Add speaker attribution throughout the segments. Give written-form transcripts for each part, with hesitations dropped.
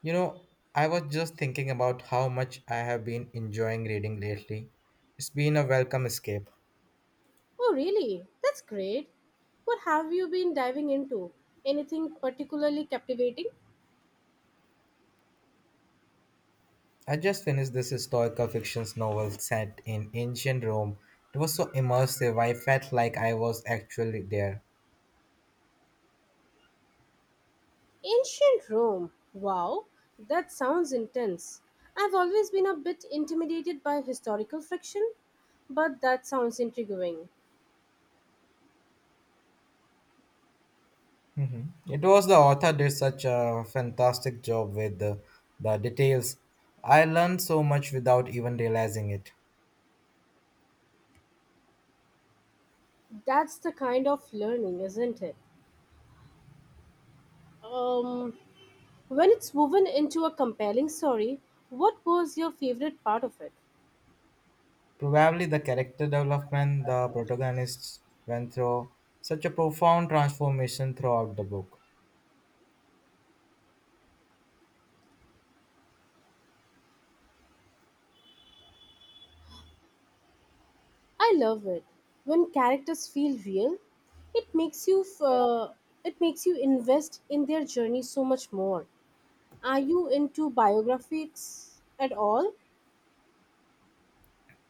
Speaker 1: You know, I was just thinking about how much I have been enjoying reading lately. It's been a welcome escape.
Speaker 2: Oh, really? That's great. What have you been diving into? Anything particularly captivating?
Speaker 1: I just finished this historical fiction novel set in ancient Rome. It was so immersive, I felt like I was actually there.
Speaker 2: Ancient Rome. Wow, that sounds intense. I've always been a bit intimidated by historical fiction, but that sounds intriguing.
Speaker 1: Mhm. It was the author did such a fantastic job with the details. I learned so much without even realizing it.
Speaker 2: That's the kind of learning, isn't it? Um, when it's woven into a compelling story, what was your favorite part of it?
Speaker 1: Probably the character development the protagonists went through, such a profound transformation throughout the book.
Speaker 2: I love it when characters feel real. It makes you it makes you invest in their journey so much more. Are you into biographies at all?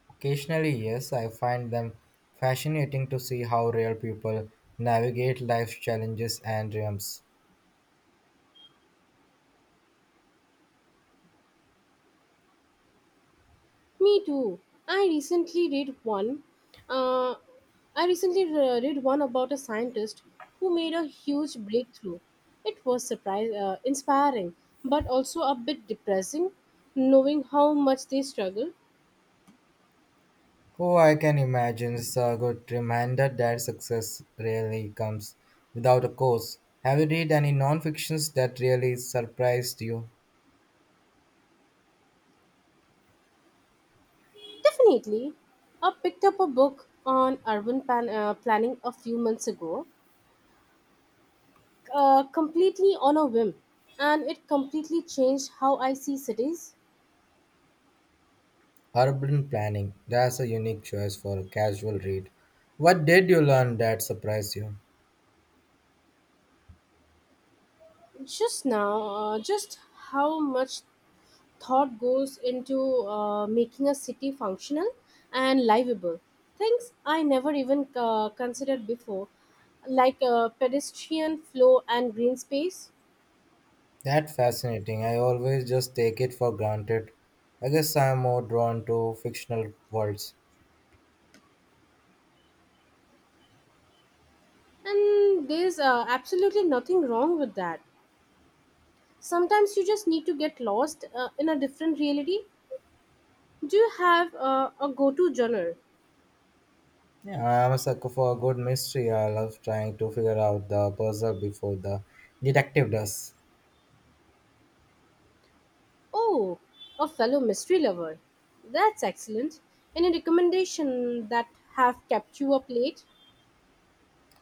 Speaker 1: Occasionally, yes, I find them fascinating to see how real people navigate life's challenges and dreams.
Speaker 2: Me too. I recently read one. Uh, I recently read one about a scientist who made a huge breakthrough. It was surprise inspiring, but also a bit depressing, knowing how much they struggle.
Speaker 1: Oh, I can imagine it's a good reminder that success really comes without a course. Have you read any non-fictions that really surprised you?
Speaker 2: Definitely. I picked up a book on urban plan planning a few months ago, completely on a whim, and it completely changed how I see cities.
Speaker 1: Urban planning, that's a unique choice for a casual read. What did you learn that surprised you?
Speaker 2: Just how much thought goes into making a city functional and livable. Things I never even considered before, like pedestrian flow and green space.
Speaker 1: That's fascinating. I always just take it for granted. I guess I'm more drawn to fictional worlds.
Speaker 2: And there's absolutely nothing wrong with that. Sometimes you just need to get lost in a different reality. Do you have a go to genre?
Speaker 1: Yeah, I'm a sucker for a good mystery. I love trying to figure out the puzzle before the detective does.
Speaker 2: Oh, a fellow mystery lover. That's excellent. Any recommendation that have kept you up late?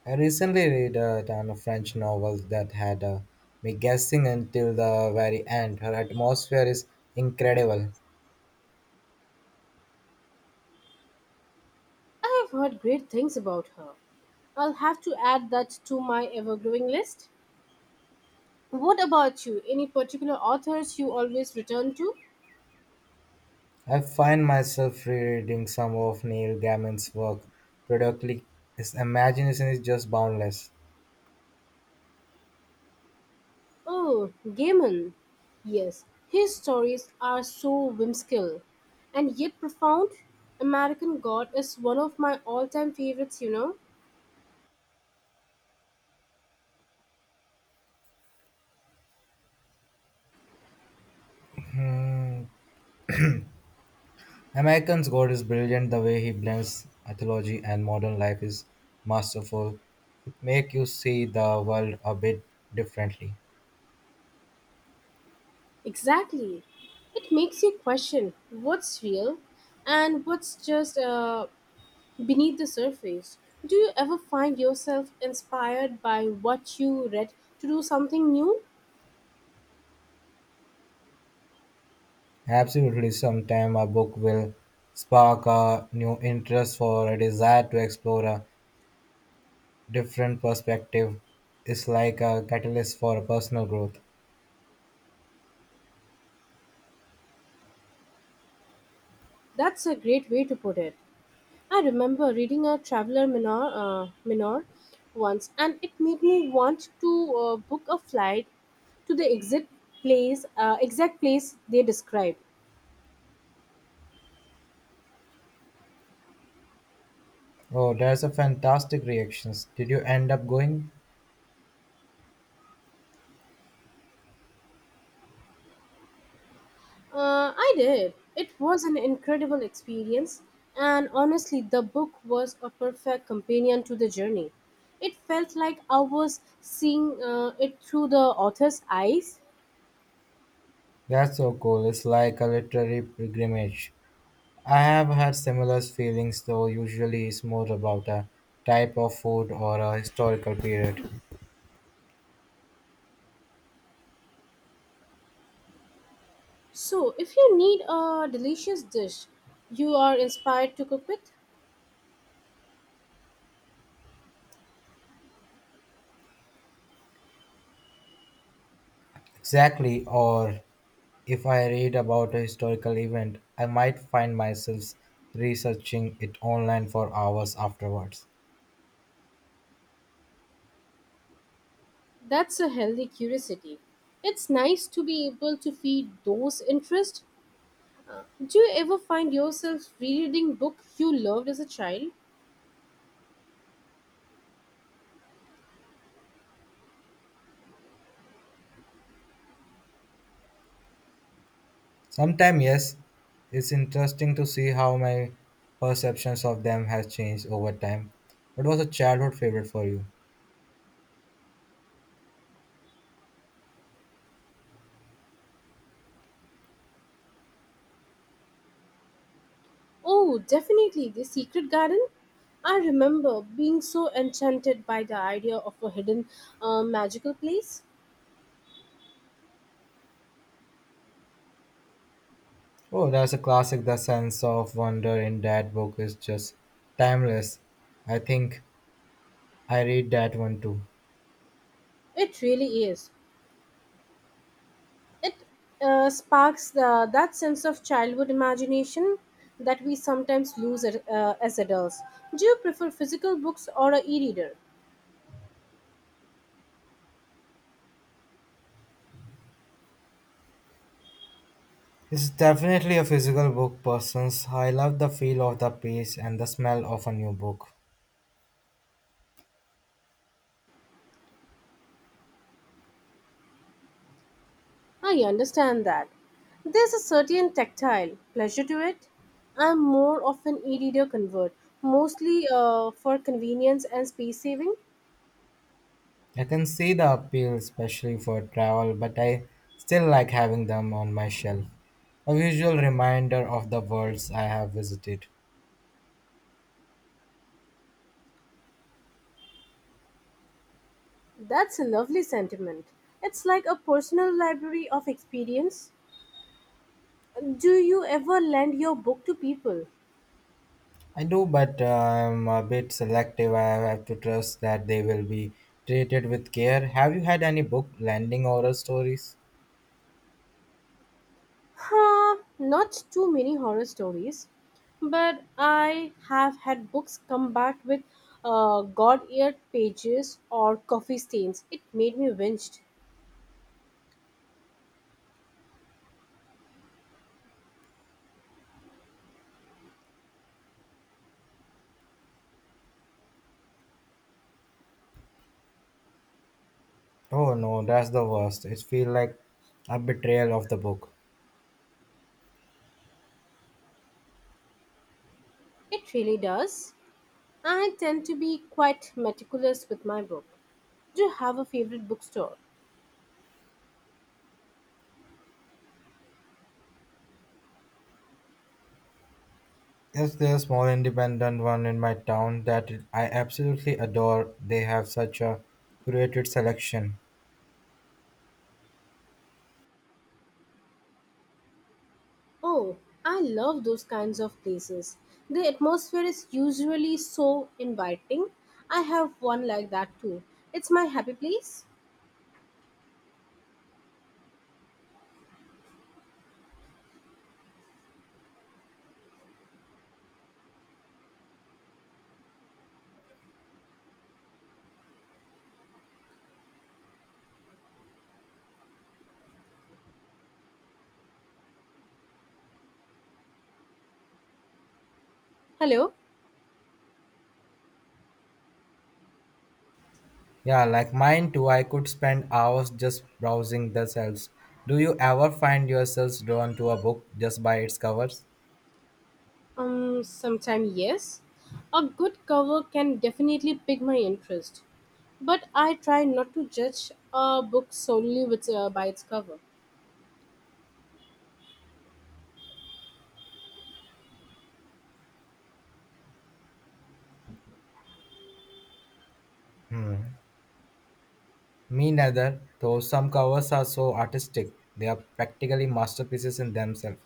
Speaker 1: I recently read a ton of French novels that had me guessing until the very end. Her atmosphere is incredible.
Speaker 2: I have heard great things about her. I'll have to add that to my ever growing list. What about you? Any particular authors you always return to?
Speaker 1: I find myself rereading some of Neil Gaiman's work. Productly, his imagination is just boundless.
Speaker 2: Oh, Gaiman. Yes, his stories are so whimsical and yet profound. American God is one of my all time favorites, you know?
Speaker 1: Hmm, American's God is brilliant. The way he blends mythology and modern life is masterful. It makes you see the world a bit differently.
Speaker 2: Exactly. It makes you question what's real and what's just beneath the surface. Do you ever find yourself inspired by what you read to do something new?
Speaker 1: Absolutely, sometime a book will spark a new interest for a desire to explore a different perspective. It's like a catalyst for personal growth.
Speaker 2: That's a great way to put it. I remember reading a minor once, and it made me want to book a flight to the exact place they described.
Speaker 1: Oh, there's a fantastic reactions. Did you end up going?
Speaker 2: I did. It was an incredible experience, and honestly, the book was a perfect companion to the journey. It felt like I was seeing it through the author's eyes.
Speaker 1: That's so cool. It's like a literary pilgrimage. I have had similar feelings, though usually it's more about a type of food or a historical period.
Speaker 2: So, if you need a delicious dish you are inspired to cook with,
Speaker 1: Exactly, or if I read about a historical event, I might find myself researching it online for hours afterwards.
Speaker 2: that's a healthy curiosity. It's nice to be able to feed those interests. Do you ever find yourself rereading book you loved as a child?
Speaker 1: Sometimes, yes, it's interesting to see how my perceptions of them has changed over time. What was a childhood favorite for you?
Speaker 2: Oh, definitely The Secret Garden. I remember being so enchanted by the idea of a hidden magical place.
Speaker 1: Oh, that's a classic. The sense of wonder in that book is just timeless. I think I read that one too.
Speaker 2: It really is. It that sense of childhood imagination that we sometimes lose as adults. Do you prefer physical books or a e-reader?
Speaker 1: It's definitely a physical book persons. I love the feel of the page and the smell of a new book.
Speaker 2: I understand that. There's a certain tactile pleasure to it. I'm more of an e reader convert, mostly for convenience and space saving.
Speaker 1: I can see the appeal especially for travel, but I still like having them on my shelf. A visual reminder of the worlds I have visited.
Speaker 2: That's a lovely sentiment. It's like a personal library of experience. Do you ever lend your book to people?
Speaker 1: I do, but I'm a bit selective. I have to trust that they will be treated with care. Have you had any book landing oral stories?
Speaker 2: Huh, not too many horror stories. But I have had books come back with God eared pages or coffee stains. It made me winched.
Speaker 1: Oh no, that's the worst. It feels like a betrayal of the book.
Speaker 2: It really does. I tend to be quite meticulous with my book. Do you have a favorite bookstore?
Speaker 1: Yes, there's a small independent one in my town that I absolutely adore. They have such a curated selection.
Speaker 2: Oh, I love those kinds of places. The atmosphere is usually so inviting. I have one like that too. It's my happy place. Hello?
Speaker 1: Yeah, like mine too. I could spend hours just browsing the shelves. Do you ever find yourselves drawn to a book just by its covers?
Speaker 2: Sometime yes. A good cover can definitely pique my interest. But I try not to judge a book solely by its cover.
Speaker 1: Me neither, though some covers are so artistic. They are practically masterpieces in themselves.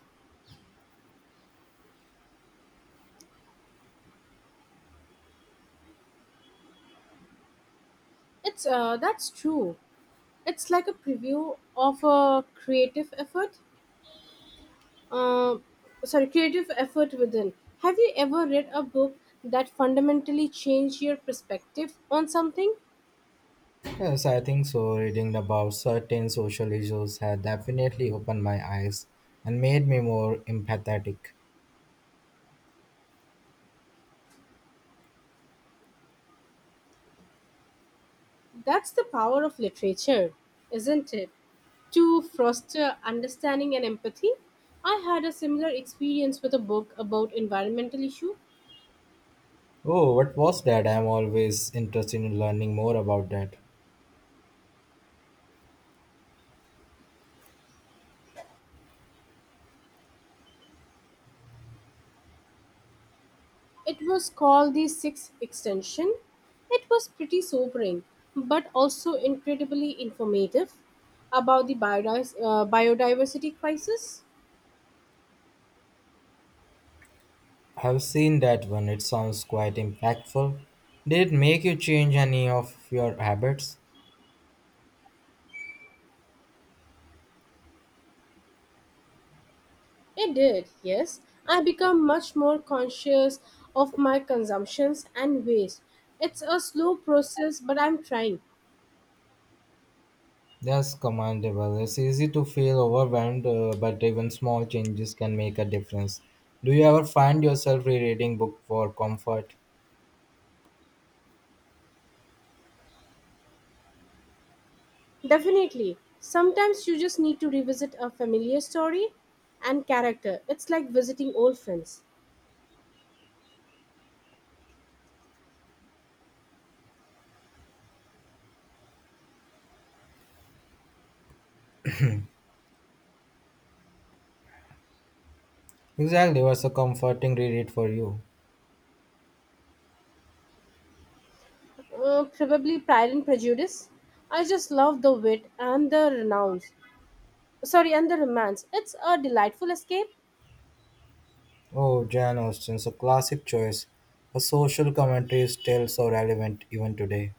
Speaker 2: It's That's true. It's like a preview of a creative effort. Uh, Creative effort within. Have you ever read a book that fundamentally changed your perspective on something?
Speaker 1: Yes, I think so. Reading about certain social issues had definitely opened my eyes and made me more empathetic.
Speaker 2: That's the power of literature, isn't it? To foster understanding and empathy. I had a similar experience with a book about environmental issue.
Speaker 1: Oh, what was that? I'm always interested in learning more about that.
Speaker 2: It was called the Sixth Extension. It was pretty sobering, but also incredibly informative about the biodiversity crisis.
Speaker 1: I've seen that one. It sounds quite impactful. Did it make you change any of your habits?
Speaker 2: It did, yes. I become much more conscious of my consumptions and waste. It's a slow process, but I'm trying.
Speaker 1: That's commendable. It's easy to feel overwhelmed, but even small changes can make a difference. Do you ever find yourself rereading book for comfort?
Speaker 2: Definitely. Sometimes you just need to revisit a familiar story and character. It's like visiting old friends.
Speaker 1: Exactly, what's a comforting reread for you?
Speaker 2: Probably Pride and Prejudice. I just love the wit and the romance. It's a delightful escape.
Speaker 1: Oh, Jane Austen's a classic choice. Her social commentary is still so relevant even today.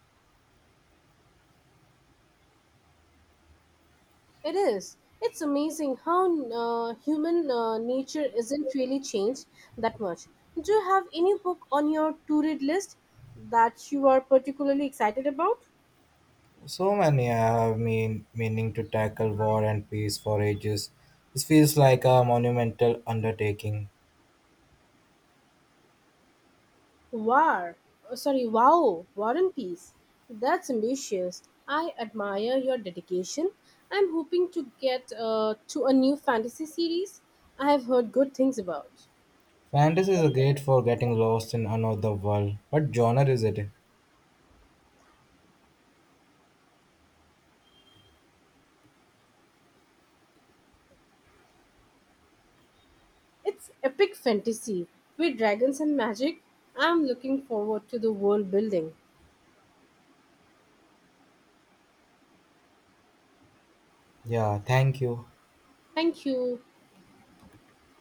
Speaker 2: It is. It's amazing how human nature isn't really changed that much. Do you have any book on your to read list that you are particularly excited about?
Speaker 1: So many have been meaning to tackle war and peace for ages. This feels like a monumental undertaking.
Speaker 2: War, oh, sorry, wow, War and Peace. That's ambitious. I admire your dedication. I'm hoping to get to a new fantasy series I have heard good things about.
Speaker 1: Fantasy is great for getting lost in another world. What genre is it?
Speaker 2: It's epic fantasy with dragons and magic. I'm looking forward to the world building.
Speaker 1: Yeah, thank you.
Speaker 2: Thank you.